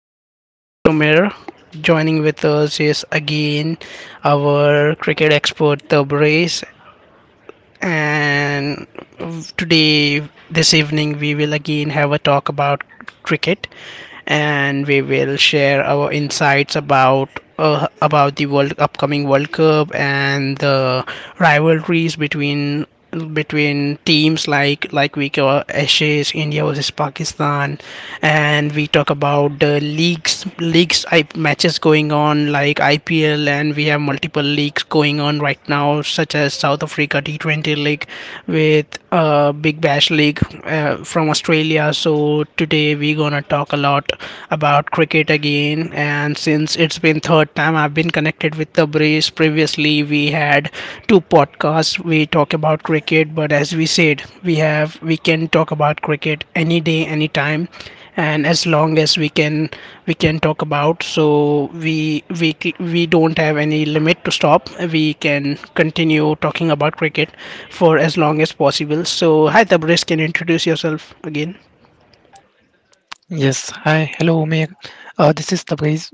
This is your host Omer. Joining with us is again our cricket expert Tabrace. And today, this evening, we will again have a talk about cricket, and we will share our insights about about the world upcoming World Cup and the rivalries between teams like we cover Ashes, India versus Pakistan, and we talk about the leagues, matches going on like IPL, and we have multiple leagues going on right now, such as South Africa T20 League with Big Bash League from Australia. So today we gonna talk a lot about cricket again. And since it's been third time I've been connected with the Brace, previously we had two podcasts. We talk about cricket, but as we said, we can talk about cricket any day, anytime, and as long as we can talk about. So we don't have any limit to stop. We can continue talking about cricket for as long as possible. So, hi, Tabriz, can you introduce yourself again? Yes, hi, hello, Umair. This is Tabriz,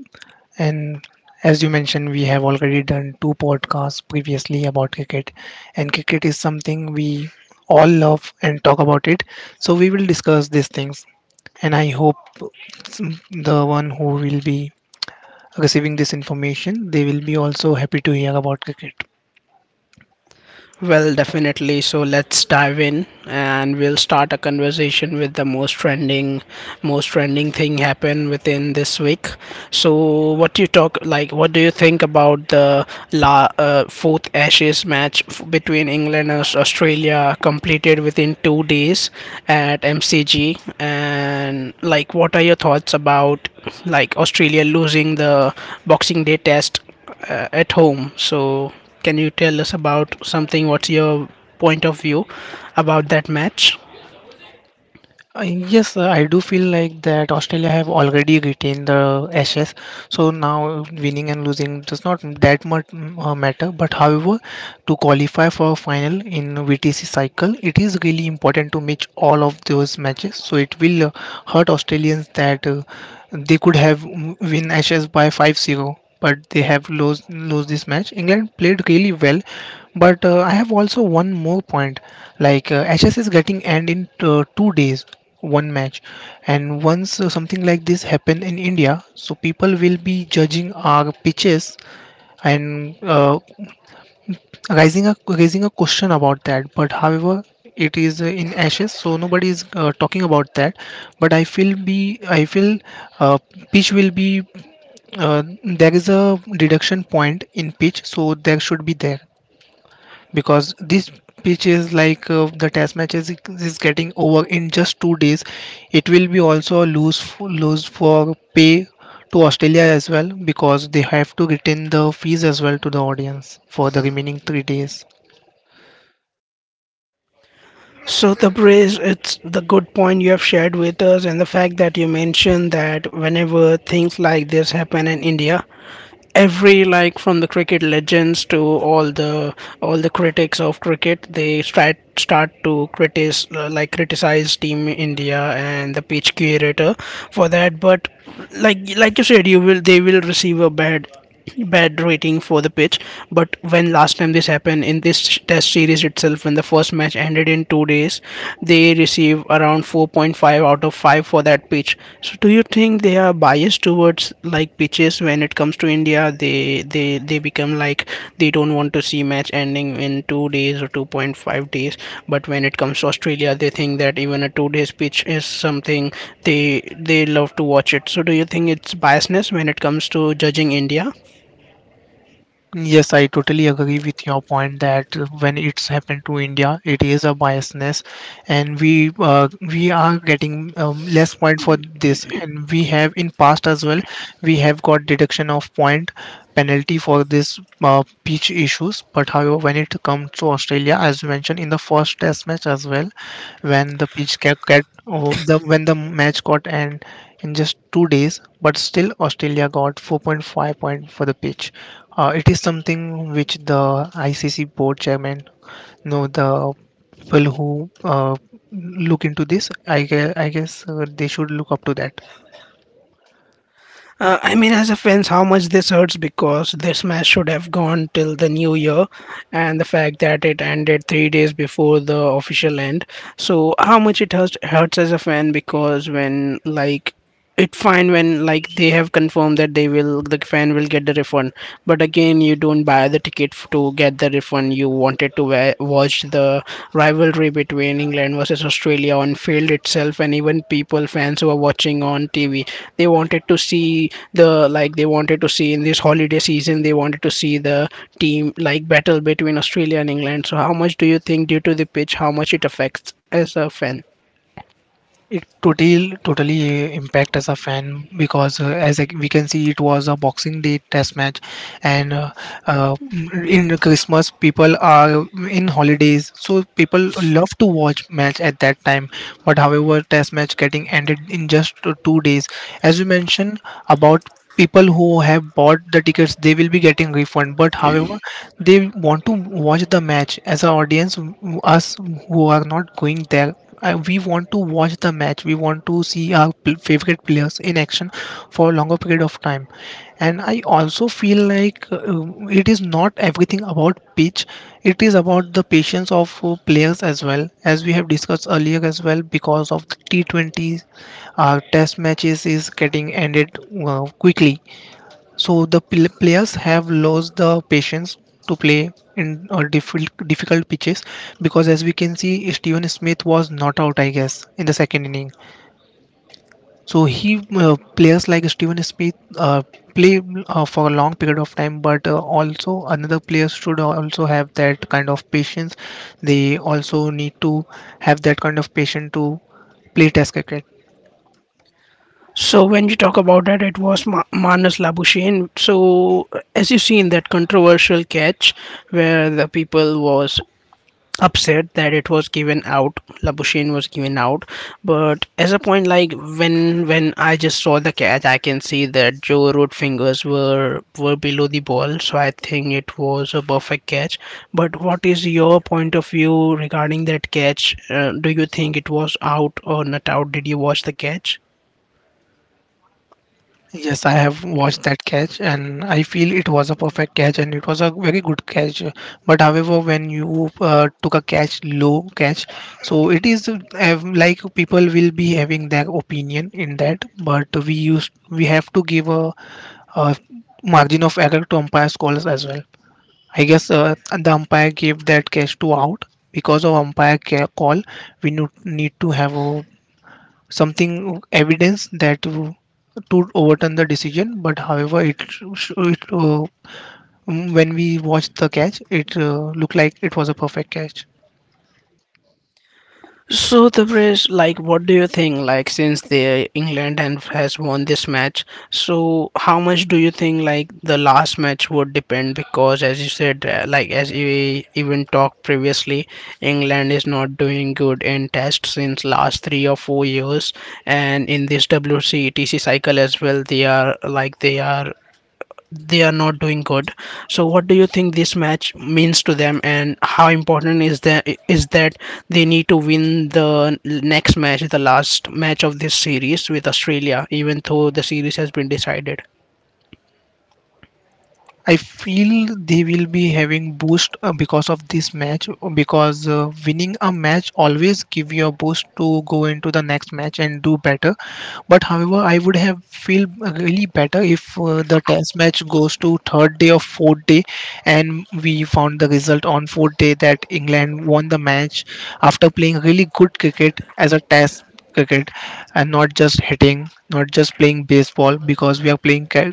and as you mentioned, we have already done two podcasts previously about cricket, and cricket is something we all love and talk about it. So we will discuss these things, and I hope the one who will be receiving this information, they will be also happy to hear about cricket. Well, definitely. So let's dive in, and we'll start a conversation with the most trending thing happened within this week. So, what you talk like? What do you think about the fourth Ashes match between England and Australia completed within 2 days at MCG? And like, what are your thoughts about like Australia losing the Boxing Day Test at home? So, can you tell us about something? What's your point of view about that match? Yes, I do feel like that Australia have already retained the Ashes, so now winning and losing does not that much matter. But however, to qualify for a final in VTC cycle, it is really important to match all of those matches. So it will hurt Australians that. They could have win Ashes by 5-0, but they have lost this match. England played really well, but I have also one more point. Like Ashes is getting end in 2 days, one match, and once something like this happen in India, so people will be judging our pitches and raising a question about that, but however it is in Ashes, so nobody is talking about that. But I feel uh, pitch will be, uh, there is a reduction point in pitch, so there should be there because this pitch is like, the test matches is getting over in just 2 days. It will be also a lose for pay to Australia as well, because they have to retain the fees as well to the audience for the remaining 3 days. So, Tabriz, it's the good point you have shared with us, and the fact that you mentioned that whenever things like this happen in India, every like from the cricket legends to all the critics of cricket, they start to criticize, like criticize team India and the pitch curator for that. But like you said, you will they will receive a bad rating for the pitch. But when last time this happened in this test series itself, when the first match ended in 2 days, they receive around 4.5 out of 5 for that pitch. So do you think they are biased towards like pitches when it comes to India? They become like they don't want to see match ending in 2 days or 2.5 days. But when it comes to Australia, they think that even a 2 days pitch is something they they love to watch it. So do you think it's biasness when it comes to judging India? Yes, I totally agree with your point that when it's happened to India, it is a biasness, and we are getting less point for this, and we have in past as well we have got deduction of point, penalty for this pitch issues. But however, when it comes to Australia, as you mentioned, in the first test match as well, when the pitch kept get oh, the when the match got end in just 2 days, but still Australia got 4.5 point five point for the pitch. It is something which the ICC board chairman know, the people who look into this, I guess they should look up to that. I mean, as a fans, how much this hurts, because this match should have gone till the new year, and the fact that it ended 3 days before the official end. So, how much it hurts as a fan, because when like it fine when like they have confirmed that the fan will get the refund. But again, you don't buy the ticket to get the refund. You wanted to watch the rivalry between England versus Australia on field itself, and even people fans who are watching on TV, they wanted to see the like they wanted to see in this holiday season, they wanted to see the team like battle between Australia and England. So how much do you think due to the pitch how much it affects as a fan? It totally impact as a fan, because we can see it was a Boxing Day test match, and uh, in Christmas people are in holidays, so people love to watch match at that time. But however, test match getting ended in just 2 days, as you mentioned about people who have bought the tickets, they will be getting refund. But however, they want to watch the match as an audience. Us who are not going there, we want to watch the match. We want to see our favorite players in action for a longer period of time. And I also feel like it is not everything about pitch. It is about the patience of players as well, as we have discussed earlier as well. Because of the T20, our test matches is getting ended quickly, so the players have lost the patience to play in difficult pitches, because as we can see, Steven Smith was not out I guess in the second inning. So he, players like Steven Smith play for a long period of time, but also another players should also have that kind of patience. They also need to have that kind of patience to play test cricket. So when you talk about that, it was Manas Labuschagne. So as you see in that controversial catch, where the people was upset that it was given out, Labushin was given out. But as a point like, when I just saw the catch, I can see that Joe Root fingers were below the ball, so I think it was a perfect catch. But what is your point of view regarding that catch? Do you think it was out or not out? Did you watch the catch? Yes, I have watched that catch, and I feel it was a perfect catch and it was a very good catch. But however, when you took a catch, low catch, so it is like people will be having their opinion in that. But we have to give a margin of error to umpires calls as well. I guess the umpire gave that catch to out because of umpire call. We need to have a something evidence that to overturn the decision. But however it, sh- it mm, when we watched the catch, it looked like it was a perfect catch. So, the Brits, like, what do you think? Like, since the England and has won this match, so how much do you think like the last match would depend? Because as you said, like as we even talked previously, England is not doing good in tests since last 3 or 4 years, and in this WCTC cycle as well, they are not doing good. So what do you think this match means to them, and how important is that they need to win the next match, the last match of this series with Australia, even though the series has been decided? I feel they will be having boost because of this match, because winning a match always give you a boost to go into the next match and do better. But however, I would have feel really better if the test match goes to third day or fourth day, and we found the result on fourth day that England won the match after playing really good cricket as a test cricket, and not just hitting, not just playing baseball, because we are playing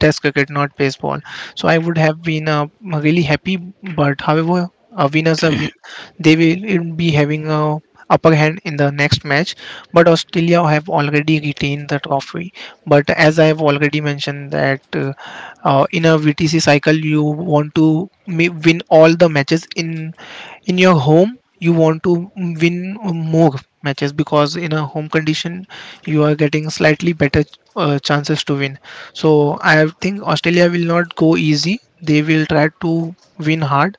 test cricket, not baseball. So I would have been really happy. But however, a winner's a win. They will be having a upper hand in the next match, but Australia have already retained the trophy. But as I have already mentioned that in a VTC cycle you want to win all the matches in your home. You want to win more matches, because in a home condition you are getting slightly better chances to win. So I think Australia will not go easy. They will try to win hard.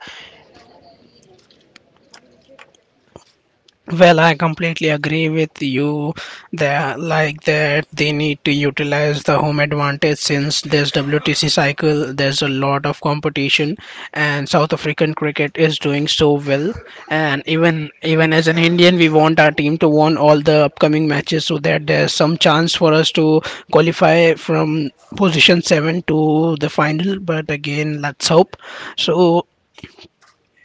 Well, I completely agree with you that they need to utilize the home advantage, since this WTC cycle there's a lot of competition, and South African cricket is doing so well. And even as an Indian, we want our team to win all the upcoming matches so that there's some chance for us to qualify from position 7 to the final. But again, let's hope so.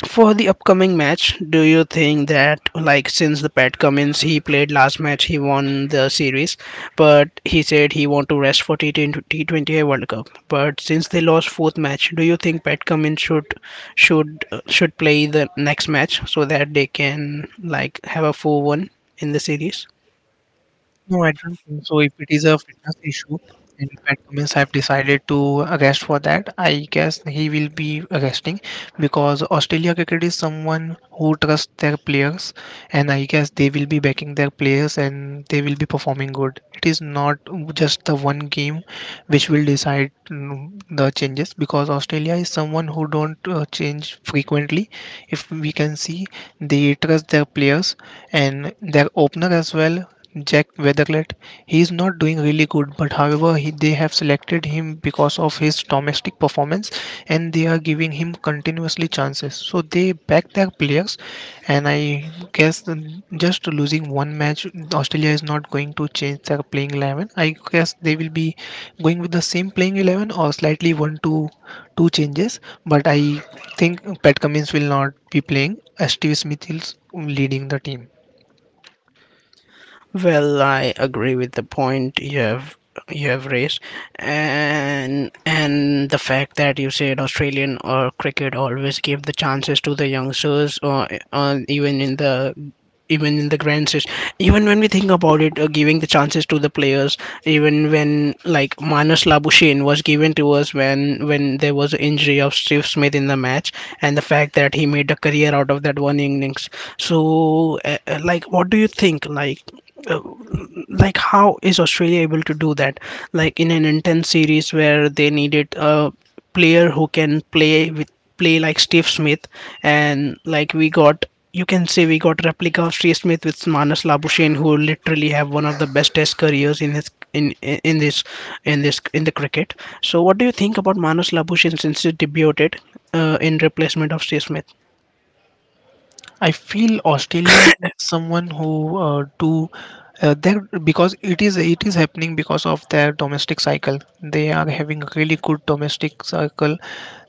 For the upcoming match, do you think that like since the Pat Cummins, he played last match, he won the series, but he said he want to rest for T20 World Cup. But since they lost fourth match, do you think Pat Cummins should play the next match so that they can like have a 4-1 in the series? No, I don't think so. If it is a fitness issue and Pat Cummins have decided to arrest for that, I guess he will be arresting, because Australia cricket is someone who trusts their players, and I guess they will be backing their players and they will be performing good. It is not just the one game which will decide the changes, because Australia is someone who don't change frequently. If we can see, they trust their players and their opener as well, Jack Weatherlett. He is not doing really good, but however, they have selected him because of his domestic performance, and they are giving him continuously chances. So they back their players, and I guess just losing one match, Australia is not going to change their playing 11. I guess they will be going with the same playing 11 or slightly one to two changes, but I think Pat Cummins will not be playing, as Steve Smith is leading the team. Well, I agree with the point you have raised, and the fact that you said Australian or cricket always give the chances to the youngsters, or even in the grand stage, even when we think about it, giving the chances to the players, even when like Manas Labushin was given to us when there was an injury of Steve Smith in the match, and the fact that he made a career out of that one innings. So like what do you think uh, like how is Australia able to do that, like in an intense series where they needed a player who can play with play like Steve Smith? And like we got, you can say we got replica of Steve Smith with Manas Labuschagne, who literally have one of the best test careers in his in this in this in the cricket. So what do you think about Manas Labuschagne since he debuted in replacement of Steve Smith? I feel Australia is someone who do that, because it is happening because of their domestic cycle. They are having a really good domestic cycle.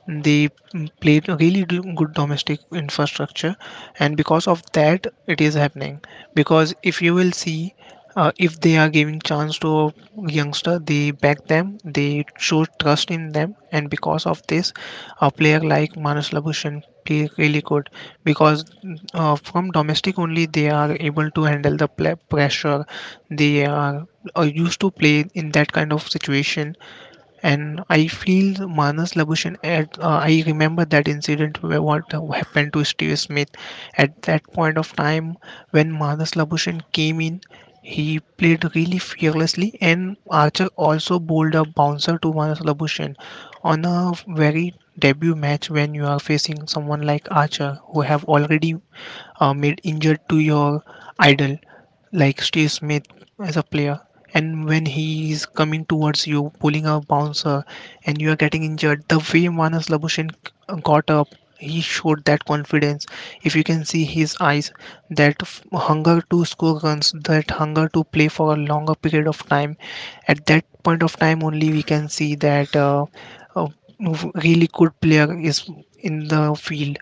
They play a really good domestic infrastructure, and because of that, it is happening. Because if you will see, if they are giving chance to a youngster, they back them, they show trust in them, and because of this, a player like Manas Labushan play really good, because from domestic only, they are able to handle the pla pressure. they are, are used to play in that kind of situation, and I feel Manas Labushan. I remember that incident where what happened to Steve Smith at that point of time when Manas Labushan came in. He played really fearlessly, and Archer also bowled a bouncer to Manas Labushan on a very debut match, when you are facing someone like Archer who have already made injured to your idol like Steve Smith as a player. And when he is coming towards you, pulling a bouncer, and you are getting injured, the way Manas Labushin got up, he showed that confidence. If you can see his eyes, that hunger to score runs, that hunger to play for a longer period of time. At that point of time, only we can see that a really good player is in the field.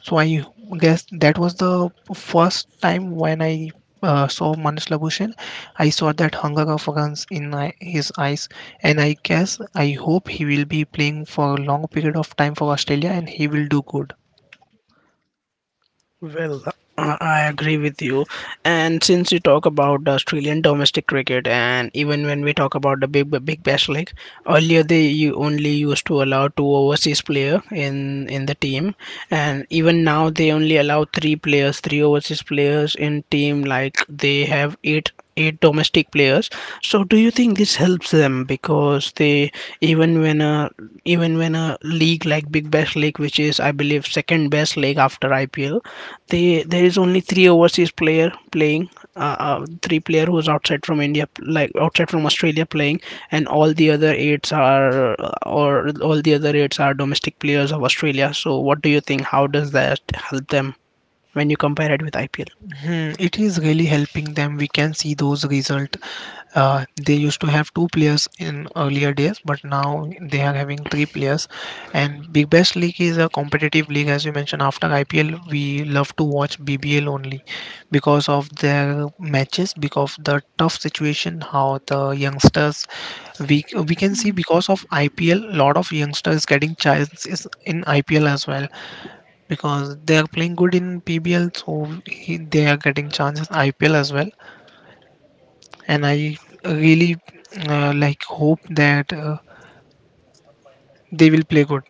So I guess that was the first time when I saw Manas Labushin. I saw that hunger of guns in his eyes, and I guess I hope he will be playing for a long period of time for Australia and he will do good. Well, I agree with you. And since you talk about the Australian domestic cricket, and even when we talk about the Big Bash League, earlier they you only used to allow two overseas player in the team, and even now they only allow three players, three overseas players in team. Like they have eight eight domestic players. So do you think this helps them because they even when a even when a league like Big Bash League, which is I believe second best league after IPL, they there is only three overseas player playing, three player who's outside from India, like outside from Australia playing, and all the other eights are domestic players of Australia. So what do you think? How does that help them when you compare it with IPL? Hmm, it is really helping them. We can see those results. They used to have two players in earlier days, but now they are having three players. And Big Bash League is a competitive league, as you mentioned. After IPL, we love to watch BBL only because of their matches, because of the tough situation, how the youngsters we can see, because of IPL, lot of youngsters getting chances in IPL as well, because they are playing good in PBL, so they are getting chances in IPL as well. And I really like hope that they will play good.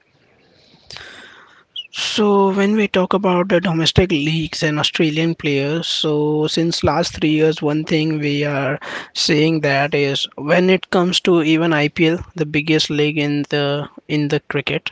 So when we talk about the domestic leagues and Australian players, so since last 3 years, one thing we are seeing that is when it comes to even IPL, the biggest league in the cricket,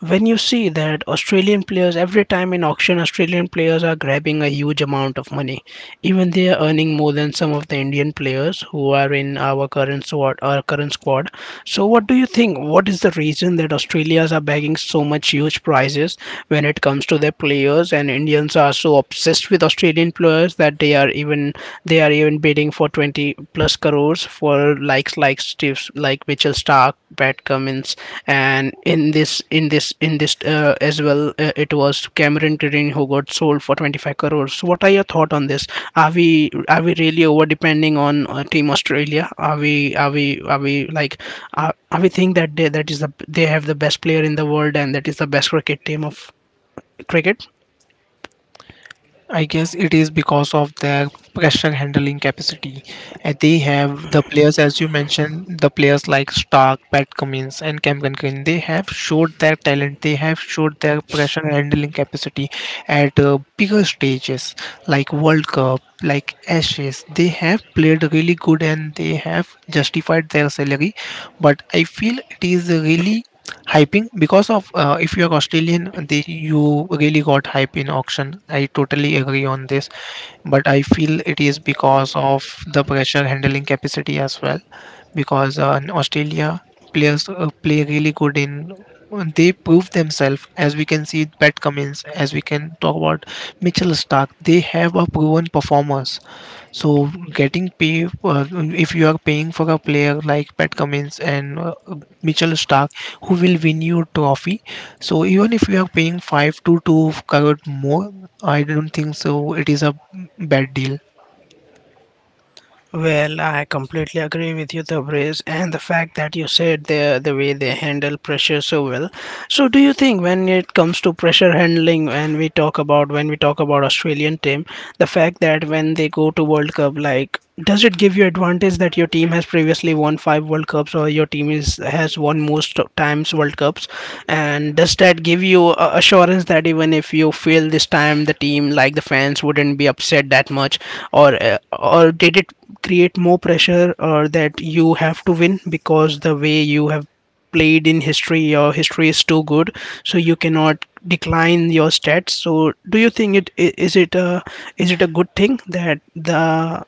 when you see that Australian players every time in auction, Australian players are grabbing a huge amount of money. Even they are earning more than some of the Indian players who are in our current squad so what do you think, what is the reason that Australians are bagging so much huge prizes when it comes to their players, and Indians are so obsessed with Australian players that they are even bidding for 20 plus crores for likes like Steve's like Mitchell Stark, Pat Cummins, and in this as well, it was Cameron Green who got sold for 25 crores. So what are your thought on this? Are we really over depending on Team Australia? Are we think that they have the best player in the world, and that is the best cricket team of cricket? I guess it is because of their pressure handling capacity. And they have the players, as you mentioned, the players like Stark, Pat Cummins, and Cam Green. They have showed their talent. They have showed their pressure handling capacity at bigger stages like World Cup, like Ashes. They have played really good and they have justified their salary. But I feel it is really hyping because of if you're Australian you really got hype in auction. I totally agree on this, but I feel it is because of the pressure handling capacity as well, because in Australia players play really good in they prove themselves. As we can see Pat Cummins, as we can talk about Mitchell Stark, they have a proven performers. So getting pay, if you are paying for a player like Pat Cummins and Mitchell Stark, who will win you trophy. So even if you are paying 5 to 2 crore more, I don't think so. It is a bad deal. Well, I completely agree with you, Tabriz, and the fact that you said the way they handle pressure so well. So do you think, when it comes to pressure handling, when we talk about Australian team, the fact that when they go to World Cup, like does it give you advantage that your team has previously won 5 World Cups, or your team is has won most of times World Cups? And does that give you a assurance that even if you fail this time the team like the fans wouldn't be upset that much or did it create more pressure or that you have to win because the way you have played in history your history is too good so you cannot decline your stats so do you think is it a good thing that the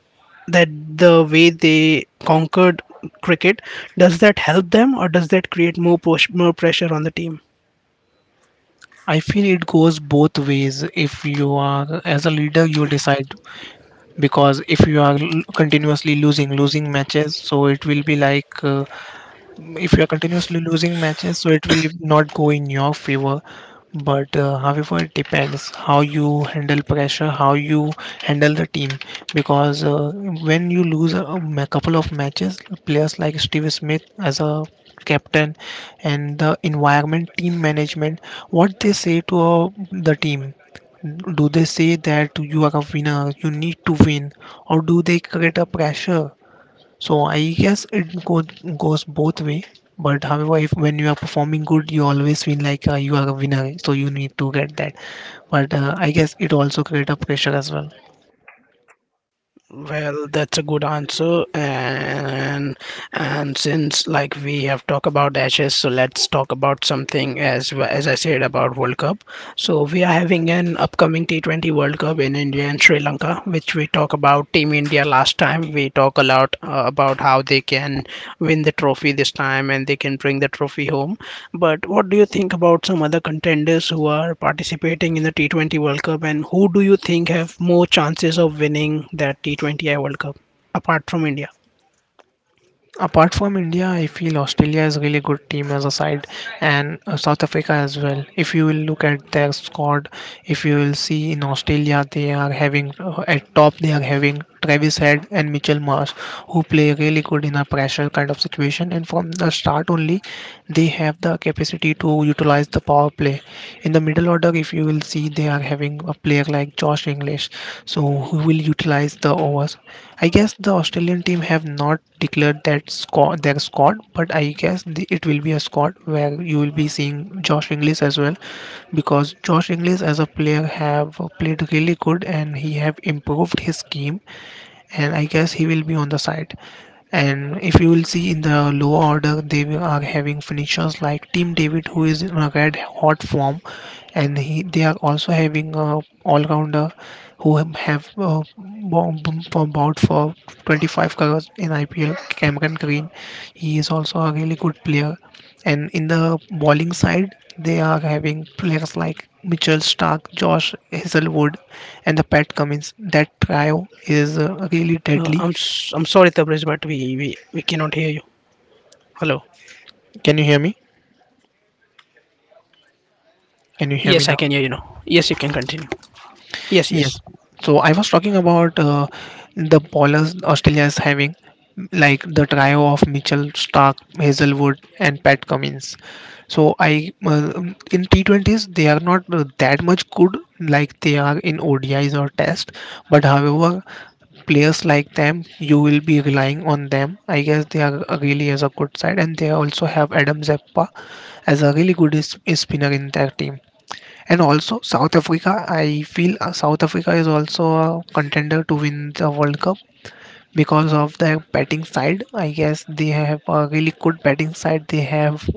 that the way they conquered cricket, does that help them or does that create more push, more pressure on the team? I feel it goes both ways. If you are as a leader, you decide, because if you are continuously losing matches, so it will be like, if you are continuously losing matches, so it will not go in your favor. But however it depends how you handle pressure, how you handle the team, because when you lose a couple of matches, players like Steve Smith as a captain, and the environment, team management, what they say to the team, do they say that you are a winner, you need to win, or do they create a pressure? So I guess it goes both way. But however, if when you are performing good, you always feel like you are a winner, so you need to get that. But I guess it also create a pressure as well. Well, that's a good answer. And since like we have talked about Ashes, so let's talk about something as I said about World Cup. So we are having an upcoming T20 World Cup in India and Sri Lanka, which we talk about Team India last time. We talk a lot about how they can win the trophy this time and they can bring the trophy home. But what do you think about some other contenders who are participating in the T20 World Cup and who do you think have more chances of winning that T20I World Cup apart from India? Apart from India, I feel Australia is really good team as a side, and South Africa as well. If you will look at their squad, if you will see in Australia, they are having, at top they are having Travis Head and Mitchell Marsh, who play really good in a pressure kind of situation. And from the start only, they have the capacity to utilize the power play. In the middle order, if you will see, they are having a player like Josh English, so who will utilize the overs. I guess the Australian team have not declared that squad, their squad, but I guess it will be a squad where you will be seeing Josh English as well, because Josh English as a player have played really good and he have improved his game, and I guess he will be on the side. And if you will see in the low order, are having finishers like Team David, who is in a red hot form, and he they are also having a all rounder who have for about for 25 crores in IPL. Cameron Green, he is also a really good player. And in the bowling side, they are having players like Mitchell Stark, Josh Uh, Hazelwood, I'm s- and the I'm Pat sorry Cummins. Tabriz, but That trio we we is cannot hear you. really deadly. Hello. Can you hear me? Yes, I can hear you now. Yes, you Can you can hear me now? continue. Yes, yes. Yes. So I was talking about the bowlers Australia is having, like the trio of Mitchell Stark, Hazelwood, and Pat Cummins. So I, in T20s they are not that much good like they are in ODIs or Test. But however, players like them, you will be relying on them. I guess they are really as a good side, and they also have Adam Zeppa as a really good spinner in their team. And also South Africa, I feel, South Africa is also a contender to win the World Cup because of their batting side. I guess they have a really good batting side. They have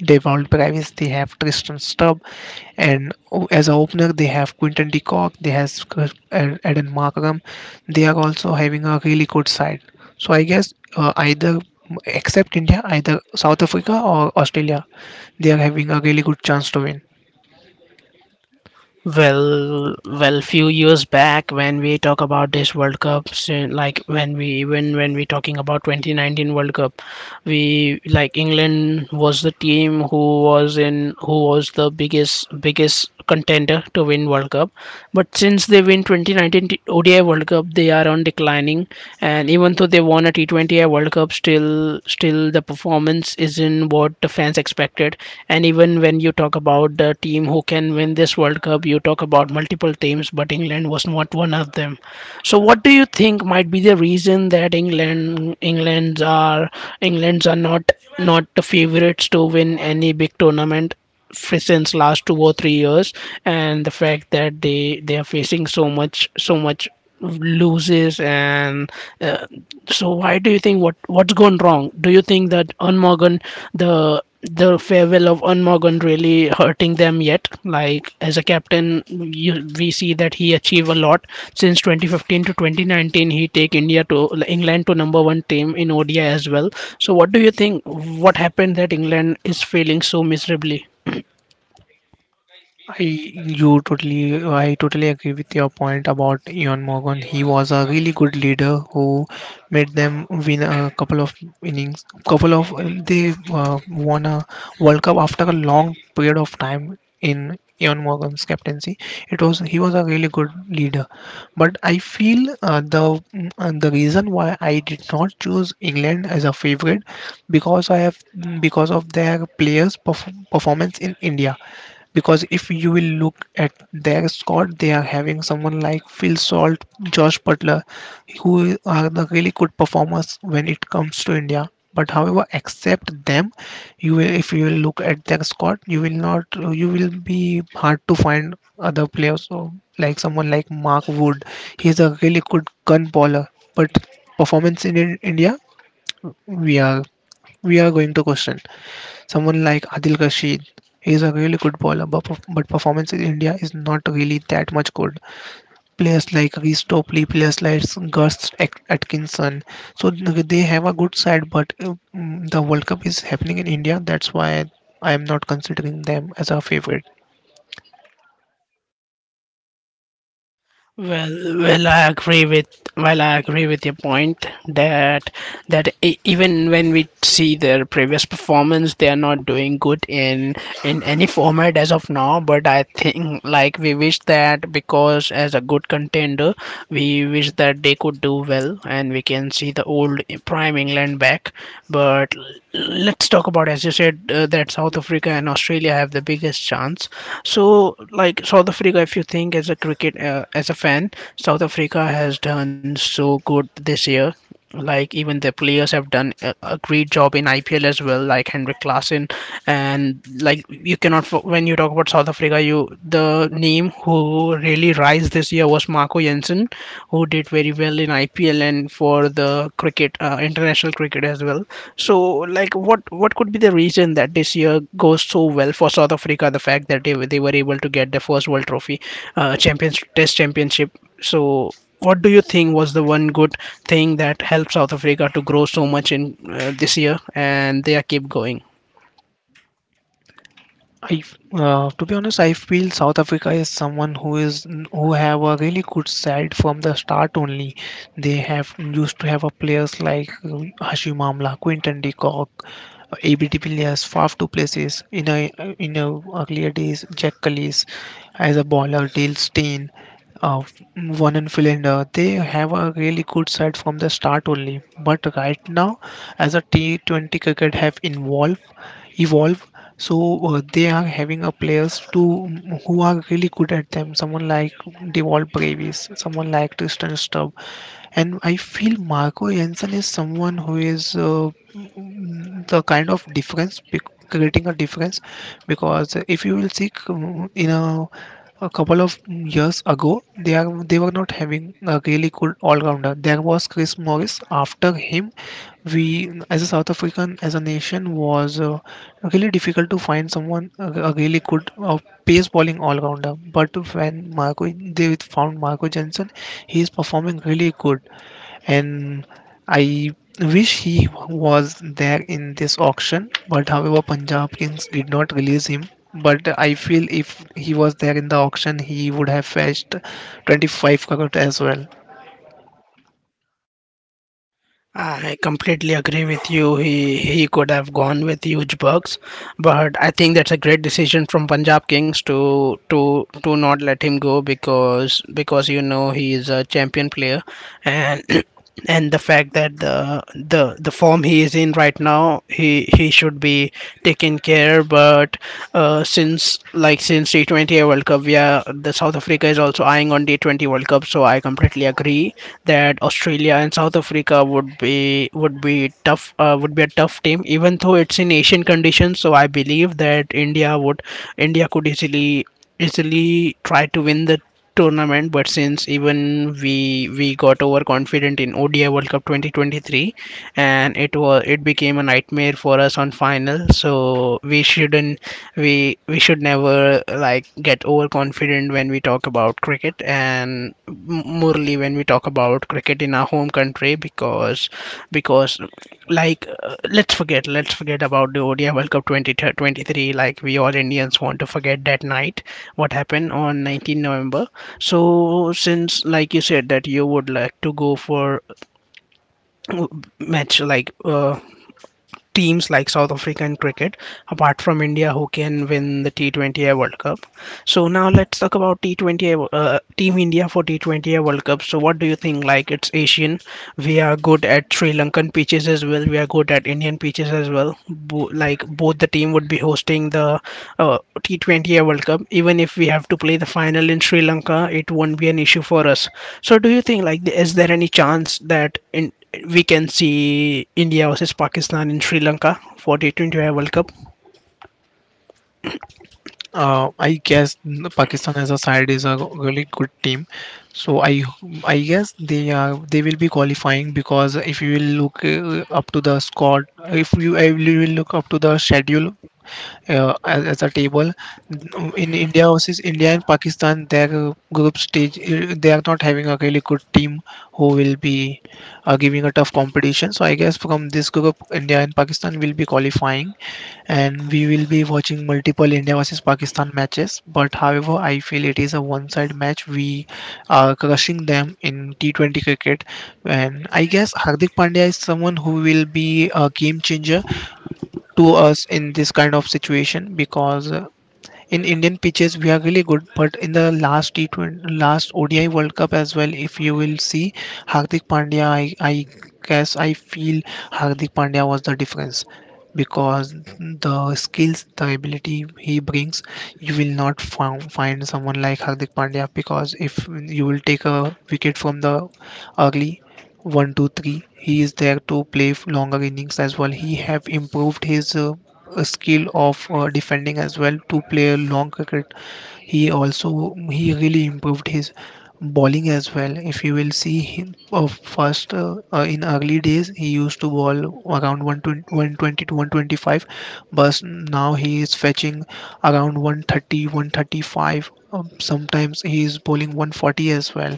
Devon Travis, they have Tristan Stubbs, and as a opener, they have Quinton de Kock, they have Eden Markram. They are also having a really good side. So I guess, either except India, either South Africa or Australia, they are having a really good chance to win. Well, few years back when we talk about this World Cup, so, like when we even when we talking about 2019 World Cup, we like England was the team who was in who was the biggest contender to win World Cup. But since they win 2019 T- ODI World Cup, they are on declining, and even though they won a T20 World Cup, still the performance isn't what the fans expected. And even when you talk about the team who can win this World Cup, you talk about multiple teams, but England was not one of them. So, what do you think might be the reason that England's are not the favorites to win any big tournament since last 2 or 3 years, and the fact that they are facing so much loses? And uh, so why do you think, what's gone wrong? Do you think that Unmorgan the the farewell of Unmorgan really hurting them yet? Like as a captain, we see that he achieved a lot since 2015 to 2019. He take India to England to number one team in ODI as well. So what do you think? What happened that England is failing so miserably? I I totally agree with your point about Ian Morgan. He was a really good leader who made them win a couple of innings. Couple of, they won a World Cup after a long period of time in Ian Morgan's captaincy. It was he was a really good leader, but I feel, the reason why I did not choose England as a favorite, because I have, because of their players' performance in India, because if you will look at their squad, they are having someone like Phil Salt, Josh Butler, who are the really good performers when it comes to India. But however, except them, you will if you will look at their squad, you will not, you will be hard to find other players. So, like, someone like Mark Wood, he's a really good gun bowler, but performance in India, we are we are going to question. Someone like Adil Rashid, he is a really good bowler, but performance in India is not really that much good. Players like Reece Topley, players like Gus Atkinson, so they have a good side. But, the World Cup is happening in India, that's why I am not considering them as a favorite. Well, I agree with I agree with your point that even when we see their previous performance, they are not doing good in any format as of now. But I think like we wish that, because as a good contender, we wish that they could do well and we can see the old prime England back. But let's talk about, as you said, that South Africa and Australia have the biggest chance. So like South Africa, if you think as a cricket, as a fan, South Africa has done so good this year, like even the players have done a great job in IPL as well, like Henrik Klassen. And like you cannot when you talk about South Africa, you, the name who really rise this year was Marco Jensen, who did very well in IPL and for the cricket, international cricket as well. So like what could be the reason that this year goes so well for South Africa? The fact that they were able to get the first World Trophy, Champions Test Championship. So what do you think was the one good thing that helped South Africa to grow so much in this year and they are keep going? To be honest, I feel South Africa is someone who is, who have a really good side from the start only. They have used to have a players like, Hashim Amla, Quinton de Kock, AB de Villiers, Faf du Plessis. In a earlier days, Jack Callis as a bowler, Dale Steyn, uh, one and Philander. They have a really good side from the start only. But right now, as a T20 cricket have involved evolve, so they are having a players to who are really good at them, someone like Deval Bravis, someone like Tristan Stubb. And I feel Marco Jensen is someone who is, the kind of difference, creating a difference, because if you will see, you know, a couple of years ago, they were not having a really good all-rounder. There was Chris Morris. After him, we as a South African as a nation was, really difficult to find someone a really good, pace bowling all-rounder. But when Marco they found Marco Jensen, he is performing really good, and I wish he was there in this auction, but however, Punjab Kings did not release him. But I feel if he was there in the auction, he would have fetched 25 crore as well. I completely agree with you. He could have gone with huge bucks, but I think that's a great decision from Punjab Kings to to not let him go, because you know he is a champion player, and and the fact that the the form he is in right now, he should be taken care. But since T20 World Cup, yeah, the South Africa is also eyeing on T20 World Cup. So I completely agree that Australia and South Africa would be tough, would be a tough team, even though it's in Asian conditions. So I believe that India would India could easily try to win the tournament. But since even we got overconfident in ODI World Cup 2023, and it became a nightmare for us on final, so we shouldn't we should never like get overconfident when we talk about cricket, and morely when we talk about cricket in our home country, because like let's forget about the ODI World Cup 2023. Like we all Indians want to forget that night what happened on 19 November. So since like you said that you would like to go for match, like teams like South African cricket, apart from India, who can win the T20 World Cup. So now let's talk about T20 Team India for T20 World Cup. So what do you think? Like it's Asian, we are good at Sri Lankan pitches as well. We are good at Indian pitches as well. Like both the team would be hosting the T20 World Cup. Even if we have to play the final in Sri Lanka, it won't be an issue for us. So, do you think like is there any chance that in we can see India versus Pakistan in Sri Lanka for T20 World Cup? I guess the Pakistan as a side is a really good team, so I guess they will be qualifying, because if you will look, up to the squad, if you I will look up to the schedule, as a table. In India versus India and Pakistan, their group stage, they are not having a really good team who will be giving a tough competition. So I guess from this group, India and Pakistan will be qualifying, and we will be watching multiple India versus Pakistan matches. But however, I feel it is a one-side match. We are crushing them in T20 cricket, and I guess Hardik Pandya is someone who will be a game changer to us in this kind of situation, because in Indian pitches we are really good, but in the last T20, last ODI World Cup as well, if you will see Hardik Pandya, I guess I feel Hardik Pandya was the difference, because the skills, the ability he brings, you will not find someone like Hardik Pandya. Because if you will take a wicket from the early 1, 2, 3, he is there to play longer innings as well. He have improved his a skill of defending as well, to play a long cricket. He also he really improved his bowling as well. If you will see him, first in early days he used to bowl around 120 to 125, but now he is fetching around 130 135, sometimes he is bowling 140 as well.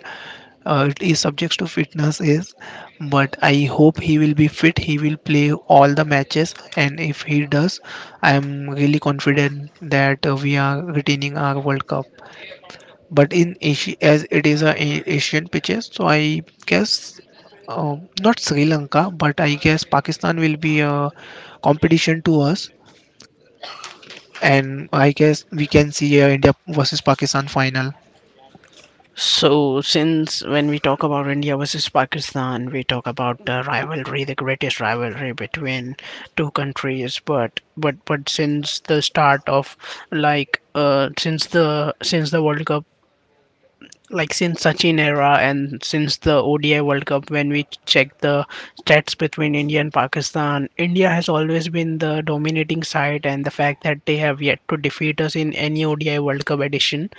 It is subject to fitness is but I hope he will be fit. He will play all the matches, and if he does, I am really confident that we are retaining our World Cup. But in Asia, as it is Asian pitches, so I guess, not Sri Lanka, but I guess Pakistan will be a competition to us, and I guess we can see a India versus Pakistan final. So, since when we talk about India versus Pakistan, we talk about the rivalry, the greatest rivalry between two countries. But since the start of like since the World Cup, like since Sachin era and since the ODI World Cup, when we check the stats between India and Pakistan, India has always been the dominating side, and the fact that they have yet to defeat us in any ODI World Cup edition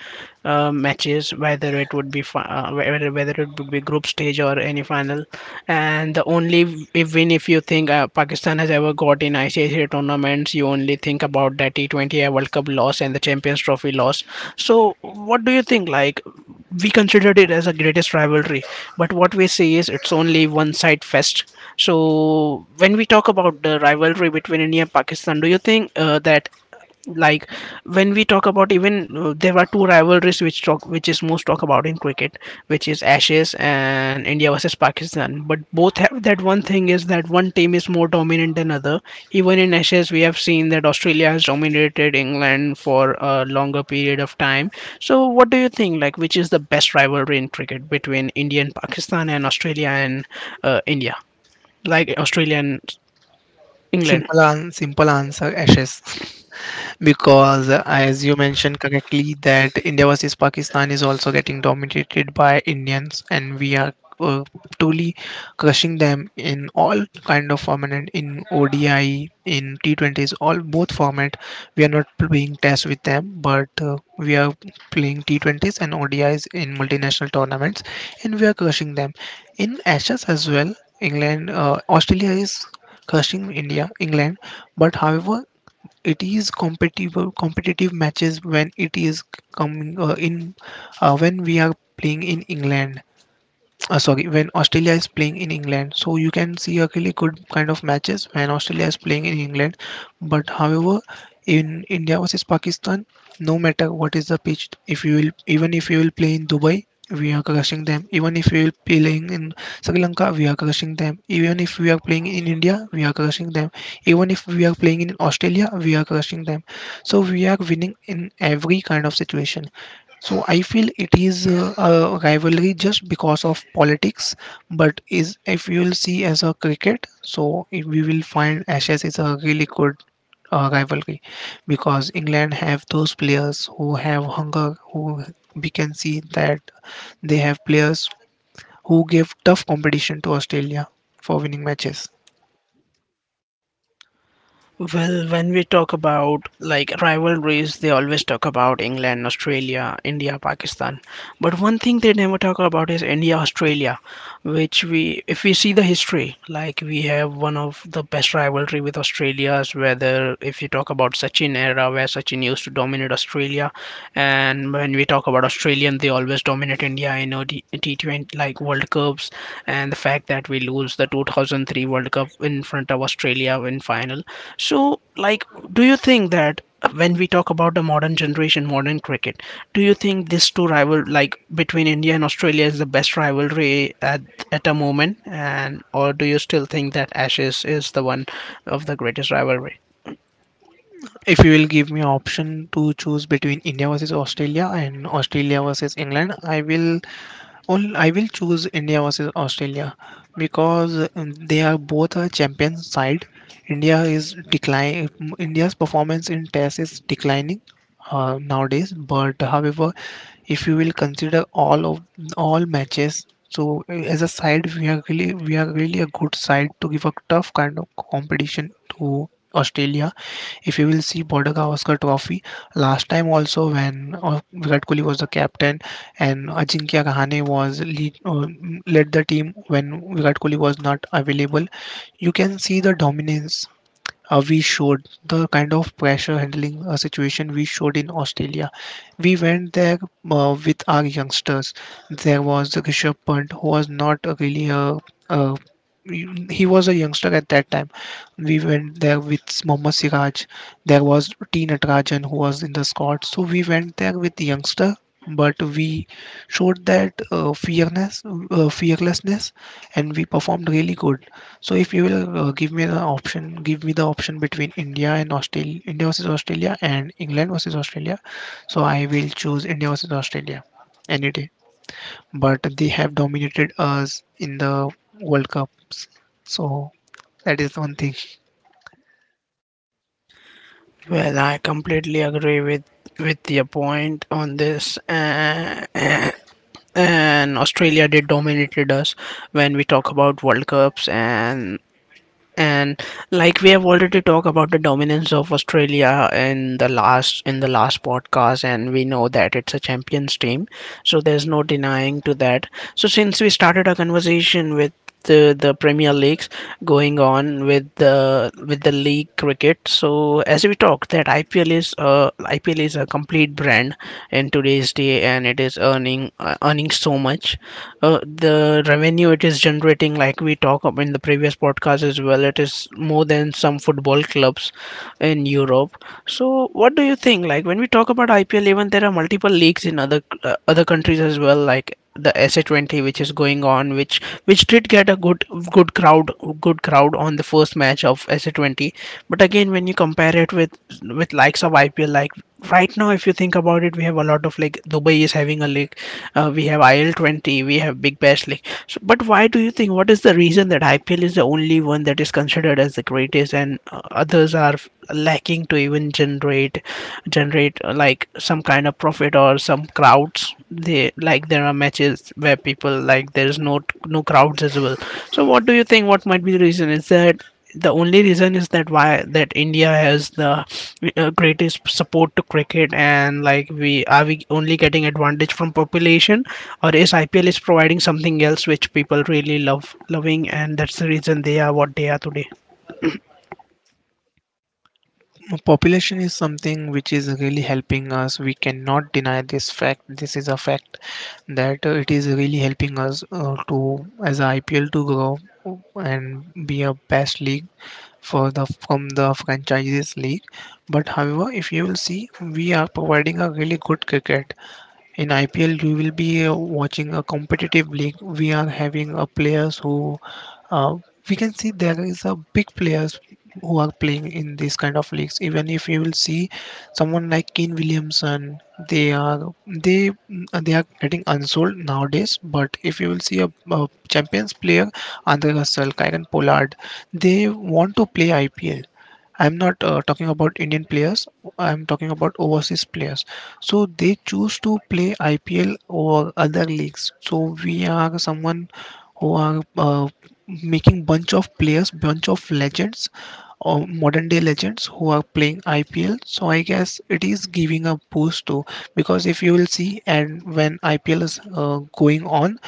matches, whether it would be whether it would be group stage or any final. And the only win if you think, Pakistan has ever got in ICC tournaments, you only think about that T20 World Cup loss and the Champions Trophy loss. So, what do you think? Like, we considered it as a greatest rivalry, but what we see is it's only one side fest. So when we talk about the rivalry between India and Pakistan, do you think, that like when we talk about, even, there were two rivalries which talk which is most talk about in cricket, which is Ashes and India versus Pakistan, but both have that one thing, is that one team is more dominant than other. Even in Ashes we have seen that Australia has dominated England for a longer period of time. So what do you think, like which is the best rivalry in cricket, between India and Pakistan, and Australia and India, like Australia and England? Simple, simple answer: Ashes. Because as you mentioned correctly that india versus pakistan is also getting dominated by indians and we are uh, truly crushing them in all kind of format and in odi in t20s all both format. We are not playing test with them but we are playing t20s and odis in multinational tournaments and we are crushing them. In ashes as well england australia is crushing india england but however it is competitive matches when it is coming in when we are playing in england sorry when australia is playing in england so you can see a really good kind of matches when australia is playing in england but however in india versus pakistan no matter what is the pitch if you will even if you will play in dubai we are crushing them even if we will playing in sri lanka we are crushing them even if we are playing in india we are crushing them even if we are playing in australia we are crushing them. So we are winning in every kind of situation, so I feel it is a rivalry just because of politics. But is if you will see as a cricket, so if we will find Ashes is a really good rivalry because England have those players who have hunger, who we can see that they have players who give tough competition to Australia for winning matches. Well, when we talk about like rivalries, they always talk about England, Australia, India, Pakistan. But one thing they never talk about is India, Australia, which if we see the history, like we have one of the best rivalry with Australia's. Whether if you talk about Sachin era, where Sachin used to dominate Australia, and when we talk about Australian, they always dominate India in OD T20 like World Cups, and the fact that we lose the 2003 World Cup in front of Australia in final. So, like, do you think that when we talk about the modern generation, modern cricket, do you think this two rival, like between India and Australia, is the best rivalry at a moment? And or do you still think that Ashes is the one of the greatest rivalry? If you will give me option to choose between India versus Australia and Australia versus England, I will. Well, I will choose India versus Australia because they are both a champion side. India is decline. India's performance in Test is declining nowadays. But however, if you will consider all matches, so as a side, we are really a good side to give a tough kind of competition to Australia. If you will see Border Gavaskar Trophy, last time also when Virat Kohli was the captain, and Ajinkya Kahane was lead, led the team when Virat Kohli was not available. You can see the dominance, we showed the kind of pressure handling situation we showed in Australia. We went there with our youngsters. There was Rishabh Pant, who was not a really a he was a youngster at that time. We went there with Mohammad Siraj. There was T. Natarajan who was in the squad. So we went there with the youngster, but we showed that fearness, fearlessness, and we performed really good. So if you will give me the option, give me the option between India and Australia, India versus Australia and England versus Australia, so I will choose India versus Australia any day. But they have dominated us in the World Cups, so that is one thing. Well, I completely agree with your point on this. And Australia did dominated us when we talk about World Cups, and like we have already talked about the dominance of Australia in the last podcast, and we know that it's a champions team, so there's no denying to that. So since we started our conversation with the premier leagues, going on with the league cricket. So as we talked that ipl is a complete brand in today's day, and it is earning earning so much. The revenue it is generating, like we talked up in the previous podcast as well, it is more than some football clubs in Europe. So what do you think, like when we talk about ipl, even there are multiple leagues in other other countries as well, like the SA20 which is going on, which did get a good crowd good crowd on the first match of SA20. But again when you compare it with likes of ipl, like right now if you think about it, we have a lot of, like Dubai is having a league, we have IL20, we have Big Bash league. So but why do you think, what is the reason that ipl is the only one that is considered as the greatest, and others are lacking to even generate like some kind of profit or some crowds. They, like there are matches where people, like there's no crowds as well. So what do you think, what might be the reason? Is that the only reason is that why that India has the greatest support to cricket, and like, we only getting advantage from population, or is IPL is providing something else which people really love loving, and that's the reason they are what they are today? Population is something which is really helping us. We cannot deny this fact. This is a fact that it is really helping us to as a IPL to grow and be a best league for the from the franchises league. But however if you will see we are providing a really good cricket in ipl. You will be watching a competitive league. We are having players who uh, we can see there is a big players who are playing in these kind of leagues. Even if you will see someone like Kane Williamson, they are they they are getting unsold nowadays. But if you will see a Champions player, Andre Russell, Kyron Pollard, they want to play IPL. I'm not talking about Indian players. I'm talking about overseas players. So they choose to play IPL over other leagues. So we are someone who are making bunch of players, bunch of legends or modern day legends who are playing IPL. So I guess it is giving a boost to because if you will see and when IPL is going on,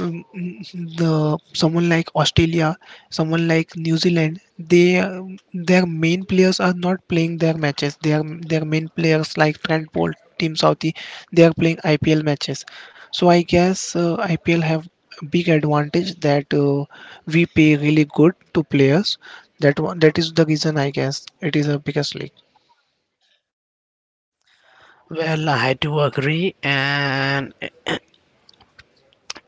um, the someone like Australia, someone like New Zealand, they their main players are not playing their matches. Their main players like Trent Bolt, Team Southie, they are playing IPL matches. So I guess IPL have big advantage that we pay really good to players. That one, that is the reason I guess it is a biggest league. Well, I do agree, and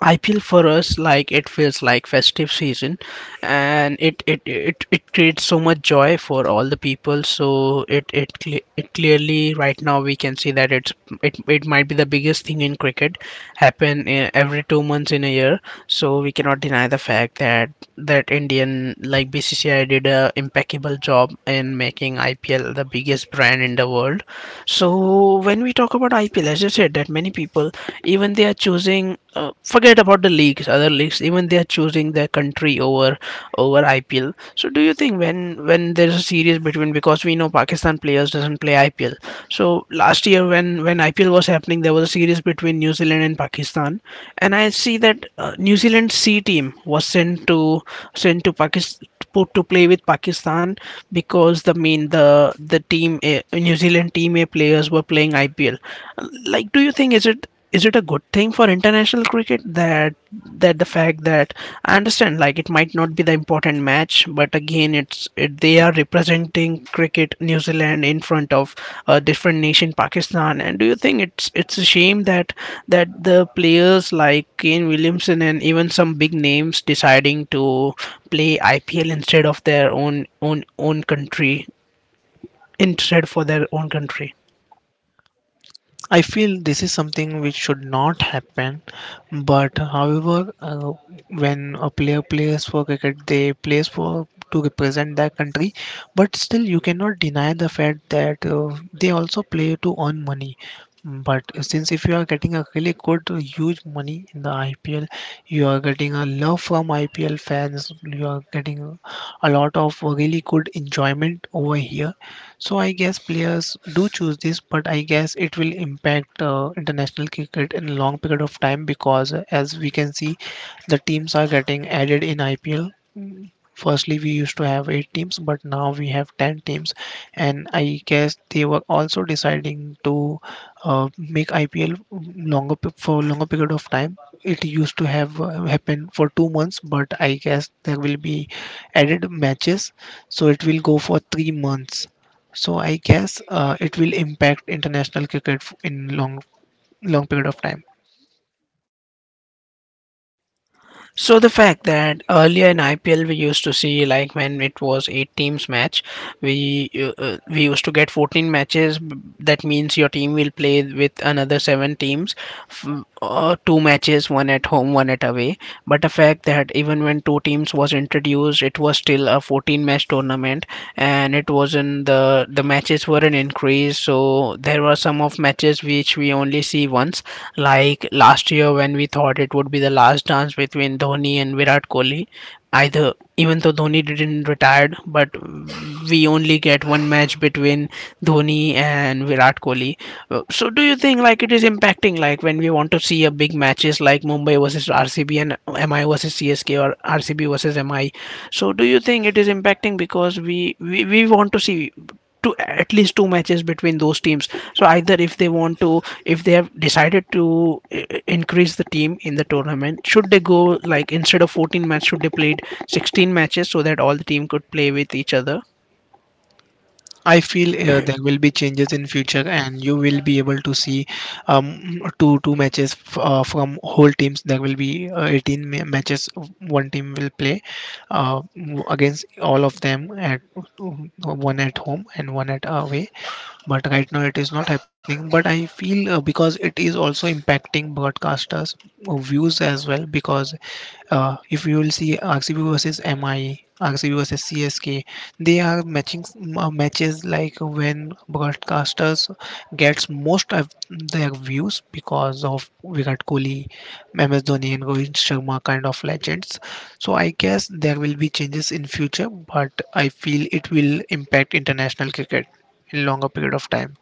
I feel for us like it feels like festive season, and it creates so much joy for all the people. So it clearly right now we can see that it might be the biggest thing in cricket, happen every 2 months in a year. So we cannot deny the fact that Indian like BCCI did a impeccable job in making IPL the biggest brand in the world. So when we talk about IPL, as I said, that many people, even they are choosing, forget about the leagues, other leagues, even they are choosing their country over IPL. So do you think when there's a series, between because we know Pakistan players doesn't play IPL. So last year when IPL was happening, there was a series between New Zealand and Pakistan, and I see that New Zealand C team was sent to Pakistan put to play with Pakistan, because the main the team New Zealand team A players were playing IPL. Like, do you think is it a good thing for international cricket that the fact that I understand like it might not be the important match, but again they are representing cricket New Zealand in front of a different nation Pakistan, and do you think it's a shame that the players like Kane Williamson and even some big names deciding to play IPL instead of their own country, instead for their own country. I feel this is something which should not happen, but however, when a player plays for cricket, they plays for to represent their country. But still, you cannot deny the fact that they also play to earn money. But since if you are getting a really good, huge money in the IPL, you are getting a love from IPL fans. You are getting a lot of really good enjoyment over here, so I guess players do choose this, but I guess it will impact international cricket in a long period of time because, as we can see, the teams are getting added in IPL. Mm, firstly, we used to have 8 teams, but now we have 10 teams, and I guess they were also deciding to make IPL longer for longer period of time. It used to have happened for 2 months, but I guess there will be added matches, so it will go for 3 months. So I guess it will impact international cricket in long long period of time. So the fact that earlier in IPL we used to see, like when it was eight teams match, we used to get 14 matches. That means your team will play with another seven teams, f- two matches, one at home, one at away. But the fact that even when two teams was introduced, it was still a 14 match tournament, and it wasn't the matches weren't increased, so there were some of matches which we only see once, like last year when we thought it would be the last dance between Dhoni and Virat Kohli. Either even though Dhoni didn't retired, but we only get one match between Dhoni and Virat Kohli. So do you think like it is impacting, like when we want to see a big matches like Mumbai versus RCB and MI versus CSK or RCB versus MI, so do you think it is impacting, because we we want to see two at least two matches between those teams. So either if they want to, if they have decided to increase the team in the tournament, should they go, like instead of 14 matches should they play 16 matches so that all the team could play with each other? I feel there will be changes in future, and you will be able to see two matches from whole teams. There will be 18 matches, one team will play uh, against all of them at one at home and one at away. But right now it is not happening. But I feel because it is also impacting broadcasters views as well, because if you will see RCB versus MI, RCB versus CSK, they are matching matches like when broadcasters gets most of their views because of Virat Kohli, MS Dhoni, and Rohit Sharma kind of legends. So I guess there will be changes in future, but I feel it will impact international cricket in longer period of time.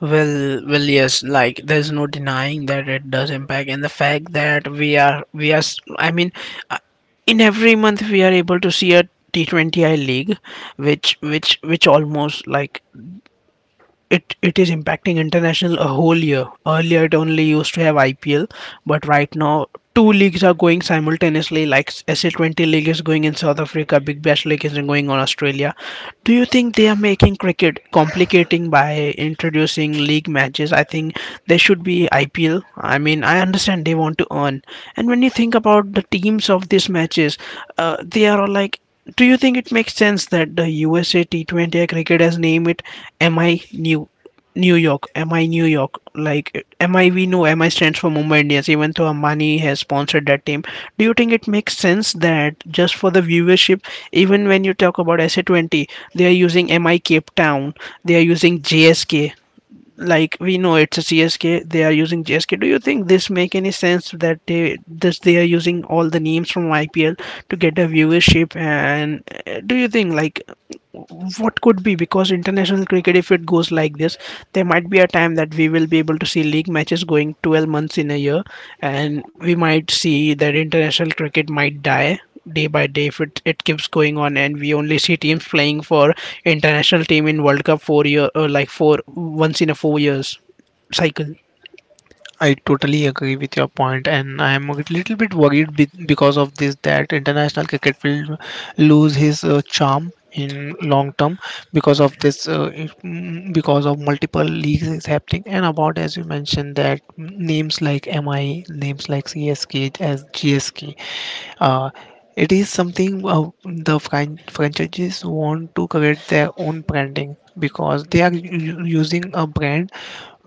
Well, well, yes. Like, there's no denying that it does impact, and the fact that I mean, uh, in every month we are able to see a T20I league, which, almost like it is impacting international a whole year. Earlier, it only used to have IPL, but right now two leagues are going simultaneously. Like SA20 league is going in South Africa, Big Bash league is going on Australia. Do you think they are making cricket complicating by introducing league matches? I think there should be IPL. I mean, I understand they want to earn, and when you think about the teams of these matches, they are all like, do you think it makes sense that the USA T20 cricket has named it MI New York? MI New York. Like MI, we know MI stands for Mumbai Indians, even though Ambani has sponsored that team. Do you think it makes sense that just for the viewership, even when you talk about SA20, they are using MI Cape Town, they are using JSK, like we know it's a CSK, they are using GSK. Do you think this make any sense that they are using all the names from IPL to get a viewership? And do you think like what could be, because international cricket if it goes like this, there might be a time that we will be able to see league matches going 12 months in a year, and we might see that international cricket might die day by day if it keeps going on, and we only see teams playing for international team in world cup 4 year, or like four once in a 4 years cycle. I totally agree with your point, and I am a little bit worried because of this that international cricket will lose his charm in long term because of this because of multiple leagues is happening, and about as you mentioned that names like mi, names like csk as gsk, uh, it is something the franchises want to create their own branding because they are using a brand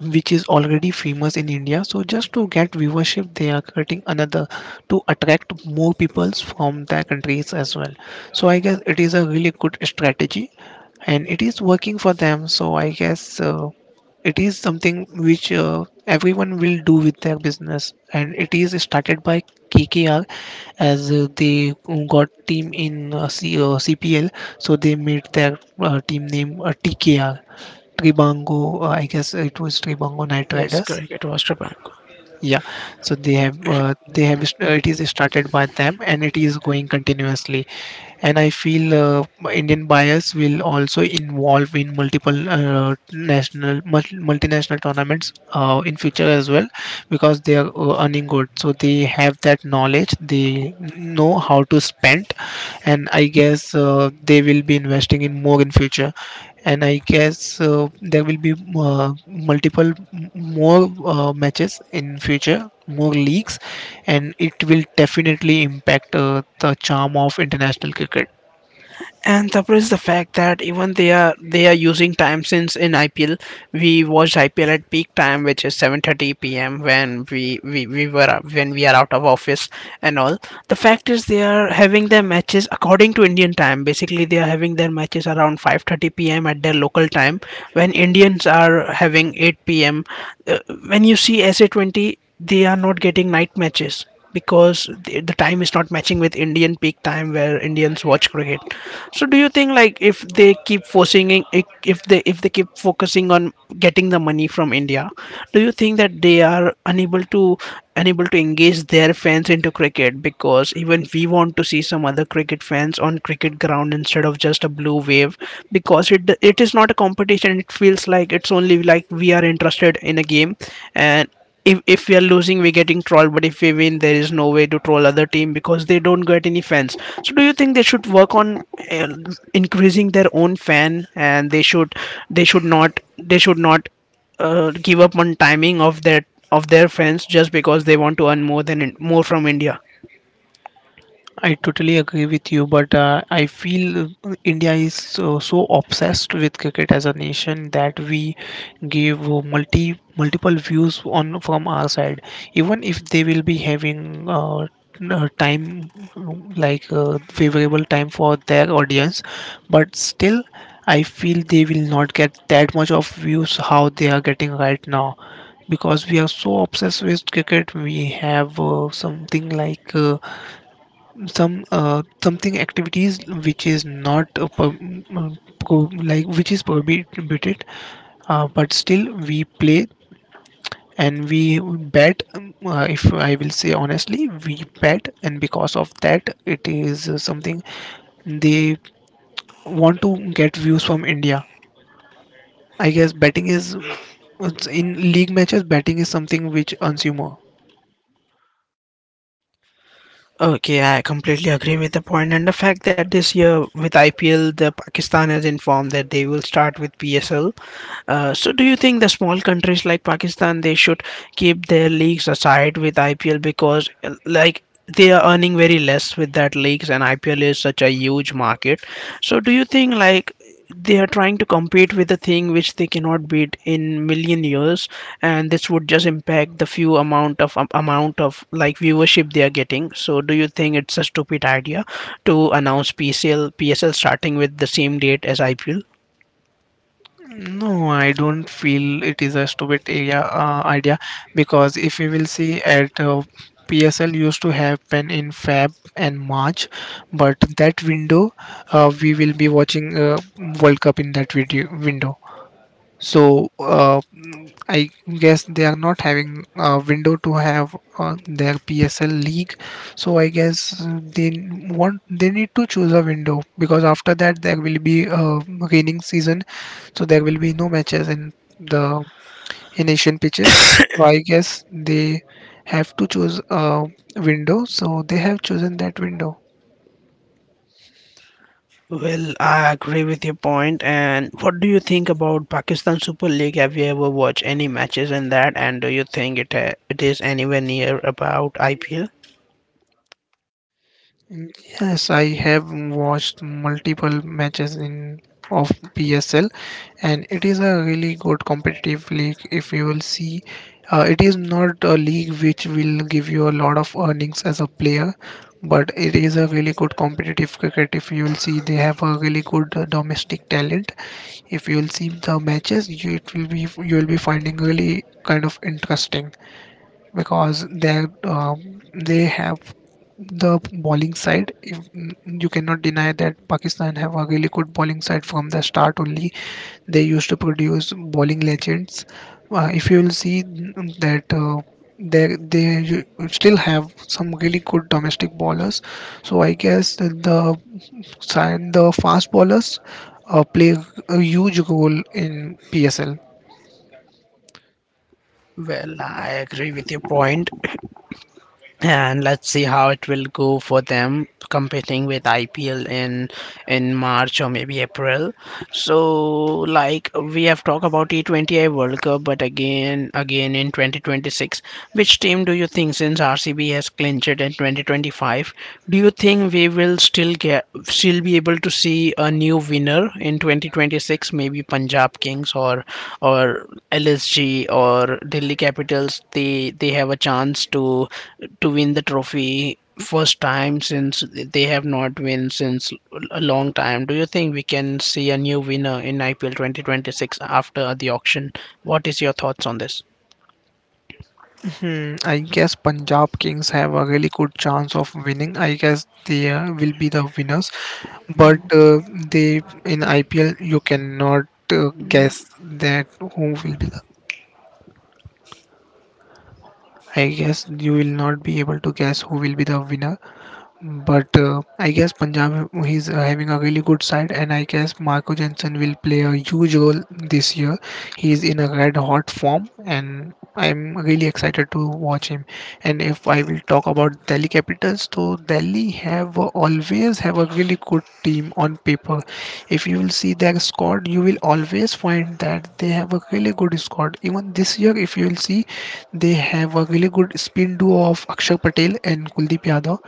which is already famous in India. So just to get viewership, they are creating another to attract more peoples from their countries as well. So I guess it is a really good strategy and it is working for them. So I guess it is something which everyone will do with their business, and it is started by KKR as they got team in CPL, so they made their team name TKR Tribango, I guess it was Tribango Knight Yes, Riders. correct. It was Japan. Yeah, so they have it is started by them and it is going continuously. And I feel Indian buyers will also involve in multiple national multinational tournaments in future as well because they are earning good. So they have that knowledge. They know how to spend, and I guess they will be investing in more in future, and I guess there will be multiple more matches in future, more leagues, and it will definitely impact the charm of international cricket. And Tapra is the fact that even they are using time, since in IPL we watched IPL at peak time which is 7:30 p.m., when we were when we are out of office and all. The fact is they are having their matches according to Indian time. Basically they are having their matches around 5:30 p.m. at their local time, when Indians are having 8 p.m. Uh, when you see SA20, they are not getting night matches, because the time is not matching with Indian peak time where Indians watch cricket. So do you think like if they keep forcing, if if they keep focusing on getting the money from India, do you think that they are unable to engage their fans into cricket, because even we want to see some other cricket fans on cricket ground instead of just a blue wave, because it is not a competition, it feels like it's only like we are interested in a game. And if we are losing we're getting trolled, but if we win there is no way to troll other team because they don't get any fans. So do you think they should work on uh, increasing their own fan, and they should not give up on timing of their fans just because they want to earn more from India. I totally agree with you, but I feel India is so, so obsessed with cricket as a nation that we give multiple views on from our side. Even if they will be having uh, time like favorable time for their audience, but still, I feel they will not get that much of views how they are getting right now because we are so obsessed with cricket. We have something like something activities which is not uh, like which is prohibited, but still we play and we bet, if I will say honestly we bet, and because of that it is something they want to get views from india. I guess betting is, it's in league matches, betting is something which earns you more. Okay, I completely agree with the point, and the fact that this year with IPL, the Pakistan has informed that they will start with PSL. So do you think the small countries like Pakistan they should keep their leagues aside with IPL, because like they are earning very less with that leagues and IPL is such a huge market. So do you think like they are trying to compete with a thing which they cannot beat in million years, and this would just impact the few amount of like viewership they are getting. So do you think it's a stupid idea to announce PCL PSL starting with the same date as IPL? No, I don't feel it is a stupid area, idea, because if we will see at PSL used to happen in Feb and March, but that window we will be watching World Cup in that video window. So I guess they are not having a window to have their PSL league. So I guess they want they need to choose a window, because after that there will be a raining season, so there will be no matches in the in Asian pitches. So I guess they have to choose a window. So they have chosen that window. Well, I agree with your point. And what do you think about Pakistan Super League? Have you ever watched any matches in that? And do you think it is anywhere near about IPL? Yes, I have watched multiple matches in of PSL. And it is a really good competitive league if you will see. It is not a league which will give you a lot of earnings as a player, but it is a really good competitive cricket. If you will see, they have a really good domestic talent. If you will see the matches, you it will be you will be finding really kind of interesting because um, they have the bowling side. If, you cannot deny that Pakistan have a really good bowling side from the start only. They used to produce bowling legends. If you will see that. Still have some really good domestic bowlers, so I guess that the side, the fast bowlers play a huge role in PSL. Well, I agree with your point, and let's see how it will go for them competing with IPL in March or maybe April. So, like we have talked about T20I World Cup, but again in 2026, which team do you think, since RCB has clinched it in 2025, do you think we will still still be able to see a new winner in 2026? Maybe Punjab Kings or LSG or Delhi Capitals. They have a chance to win the trophy first time since they have not won since a long time. Do you think we can see a new winner in IPL 2026 after the auction? What is your thoughts on this? Hmm, I guess Punjab Kings have a really good chance of winning. I guess they will be the winners, but they in IPL you cannot uh, guess that who will be the. I guess you will not be able to guess who will be the winner. But I guess Punjab he's having a really good side, and I guess Marco Jensen will play a huge role this year. He is in a red hot form, and I'm really excited to watch him. And if I will talk about Delhi Capitals, so Delhi have always have a really good team on paper. If you will see their squad, you will always find that they have a really good squad. Even this year, if you will see, they have a really good spin duo of Akshar Patel and Kuldeep Yadav,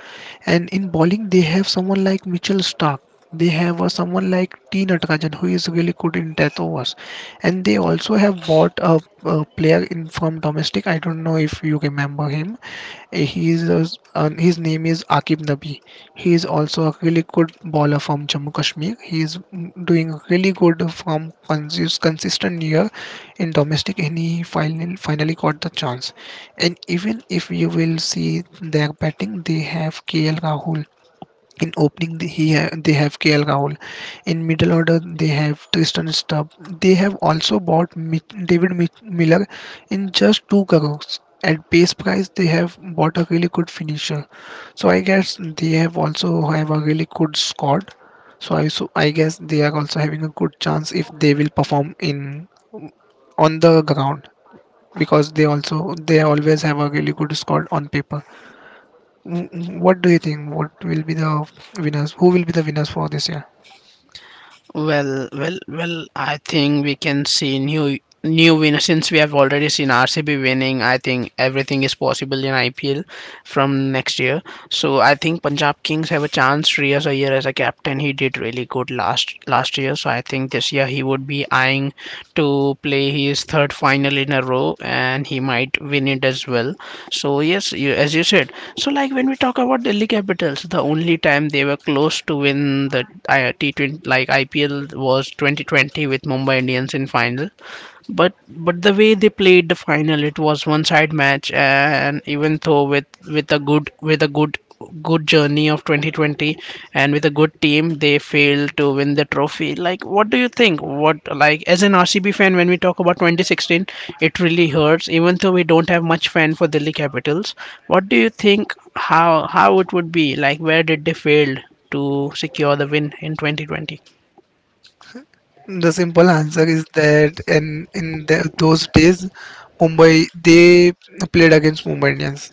and in bowling, they have someone like Mitchell Stark. They have someone like T. Natarajan, who is really good in death overs. And they also have bought a player in from domestic. I don't know if you remember him. He is his name is Akib Nabi. He is also a really good bowler from Jammu Kashmir. He is doing really good from consistent year in domestic, and he finally got the chance. And even if you will see their batting, they have KL Rahul. In opening, they have KL Rahul. In middle order, they have Tristan Stubb. They have also bought David Miller in just 2 crores. At base price, they have bought a really good finisher. So I guess they have also have a really good squad. So I guess they are also having a good chance if they will perform in on the ground, because they also they always have a really good squad on paper. What do you think? What will be the winners? Who will be the winners for this year? Well, well, well. I think we can see new winner since we have already seen RCB winning. I think everything is possible in IPL from next year. So I think Punjab Kings have a chance. Riyaz Iyer as a captain, he did really good last year. So I think this year he would be eyeing to play his third final in a row, and he might win it as well. So yes, as you said. So like when we talk about Delhi Capitals, the only time they were close to win the T20 like IPL was 2020 with Mumbai Indians in final, but the way they played the final it was one side match, and even though with a good journey of 2020 and with a good team they failed to win the trophy. Like what do you think, what like as an RCB fan when we talk about 2016 it really hurts, even though we don't have much fan for Delhi Capitals. What do you think, how it would be, like where did they fail to secure the win in 2020? The simple answer is that in the, those days, Mumbai they played against Mumbai Indians.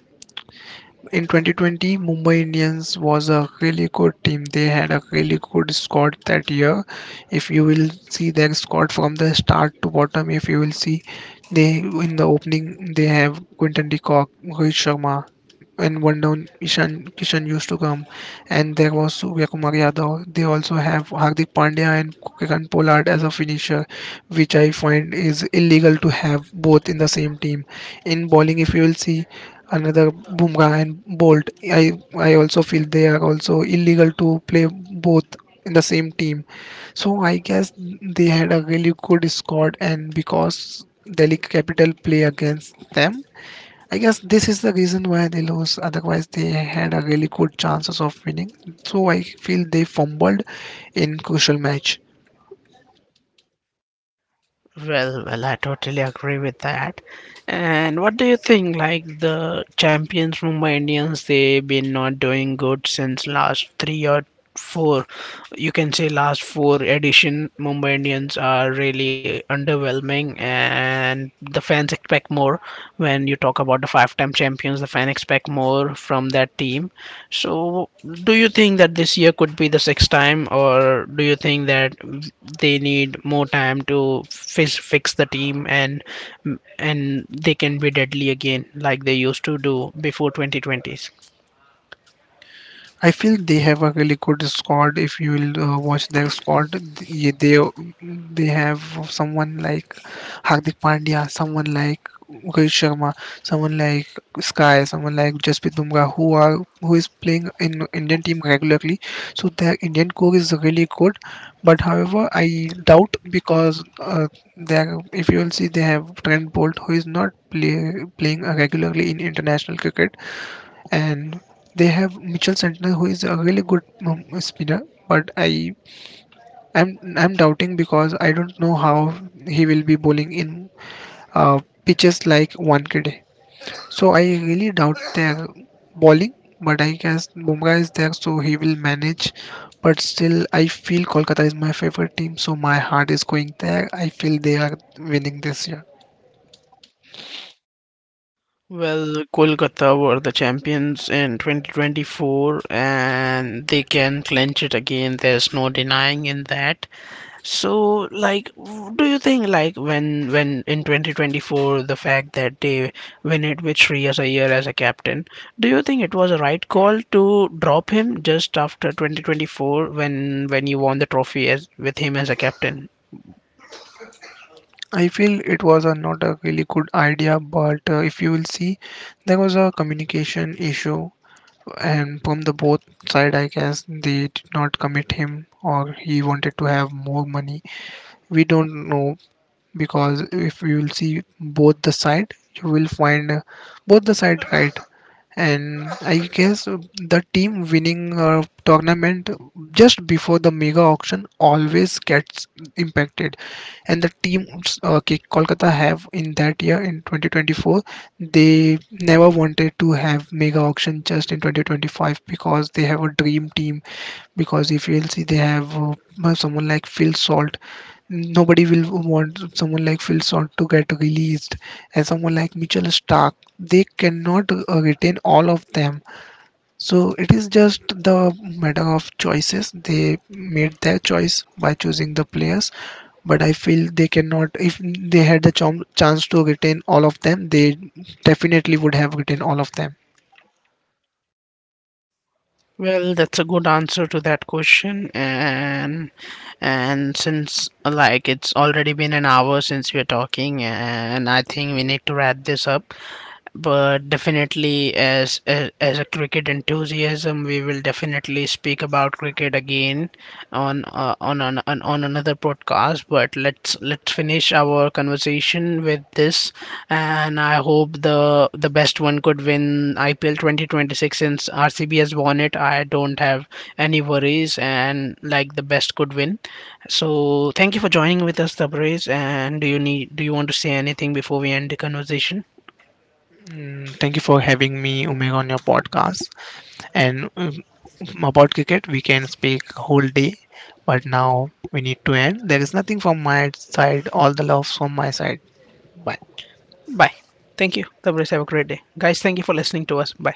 In 2020, Mumbai Indians was a really good team. They had a really good squad that year. If you will see their squad from the start to bottom, if you will see, they in the opening they have Quinton de Kock, Rohit Sharma, and one down Ishan Kishan used to come, and there was Surya Kumar Yadav. They also have Hardik Pandya and Kiran Pollard as a finisher, which I find is illegal to have both in the same team. In bowling, if you will see, another Bumrah and Bolt. I also feel they are also illegal to play both in the same team. So I guess they had a really good squad, and because Delhi Capital play against them, I guess this is the reason why they lose. Otherwise, they had a really good chances of winning. So I feel they fumbled in crucial match. Well, well, I totally agree with that. And what do you think? Like the champions Mumbai Indians, they've been not doing good since last three or four. You can say last four edition. Mumbai Indians are really underwhelming, and the fans expect more. When you talk about the five-time champions, the fans expect more from that team. So, do you think that this year could be the sixth time, or do you think that they need more time to fix the team, and they can be deadly again like they used to do before 2020s? I feel they have a really good squad. If you will watch their squad, they have someone like Hardik Pandya, someone like Rohit Sharma, someone like Sky, someone like Jasprit Bumrah, who are who is playing in Indian team regularly. So their Indian core is really good. But however, I doubt because there, if you will see, they have Trent Bolt, who is not play, playing regularly in international cricket, and they have Mitchell Santner, who is a really good spinner, but I'm doubting because I don't know how he will be bowling in uh, pitches like Wankhede. So I really doubt their bowling, but I guess Bumrah is there, so he will manage, but still I feel Kolkata is my favorite team, so my heart is going there. I feel they are winning this year. Well, Kolkata were the champions in 2024 and they can clinch it again. There's no denying in that. So, like, do you think, like, when in 2024, the fact that they win it with Shreyas Iyer as a captain, do you think it was a right call to drop him just after 2024 when you won the trophy as with him as a captain? I feel it was a, not a really good idea, but if you will see, there was a communication issue, and from the both side I guess they did not commit him, or he wanted to have more money, we don't know. Because if you will see both the side, you will find both the side right. And I guess the team winning a tournament just before the mega auction always gets impacted. And the teams Kolkata have in that year in 2024, they never wanted to have mega auction just in 2025 because they have a dream team. Because if you'll see, they have someone like Phil Salt, nobody will want someone like Phil Salt to get released, and someone like Mitchell Stark, they cannot retain all of them. So it is just the matter of choices. They made their choice by choosing the players, but I feel they cannot. If they had the chance to retain all of them, they definitely would have retained all of them. Well, that's a good answer to that question, and since like it's already been an hour since we're talking, and I think we need to wrap this up. But definitely as, as a cricket enthusiasm we will definitely speak about cricket again on another podcast. But let's finish our conversation with this. And I hope the best one could win IPL 2026 since RCB has won it. I don't have any worries, and like the best could win. So thank you for joining with us, Tabriz. And do you need, do you want to say anything before we end the conversation? Thank you for having me, Umair, on your podcast, and about cricket we can speak whole day, but now we need to end. There is nothing from my side. All the love from my side. Bye. Bye. Thank you. The have a great day. Guys, thank you for listening to us. Bye.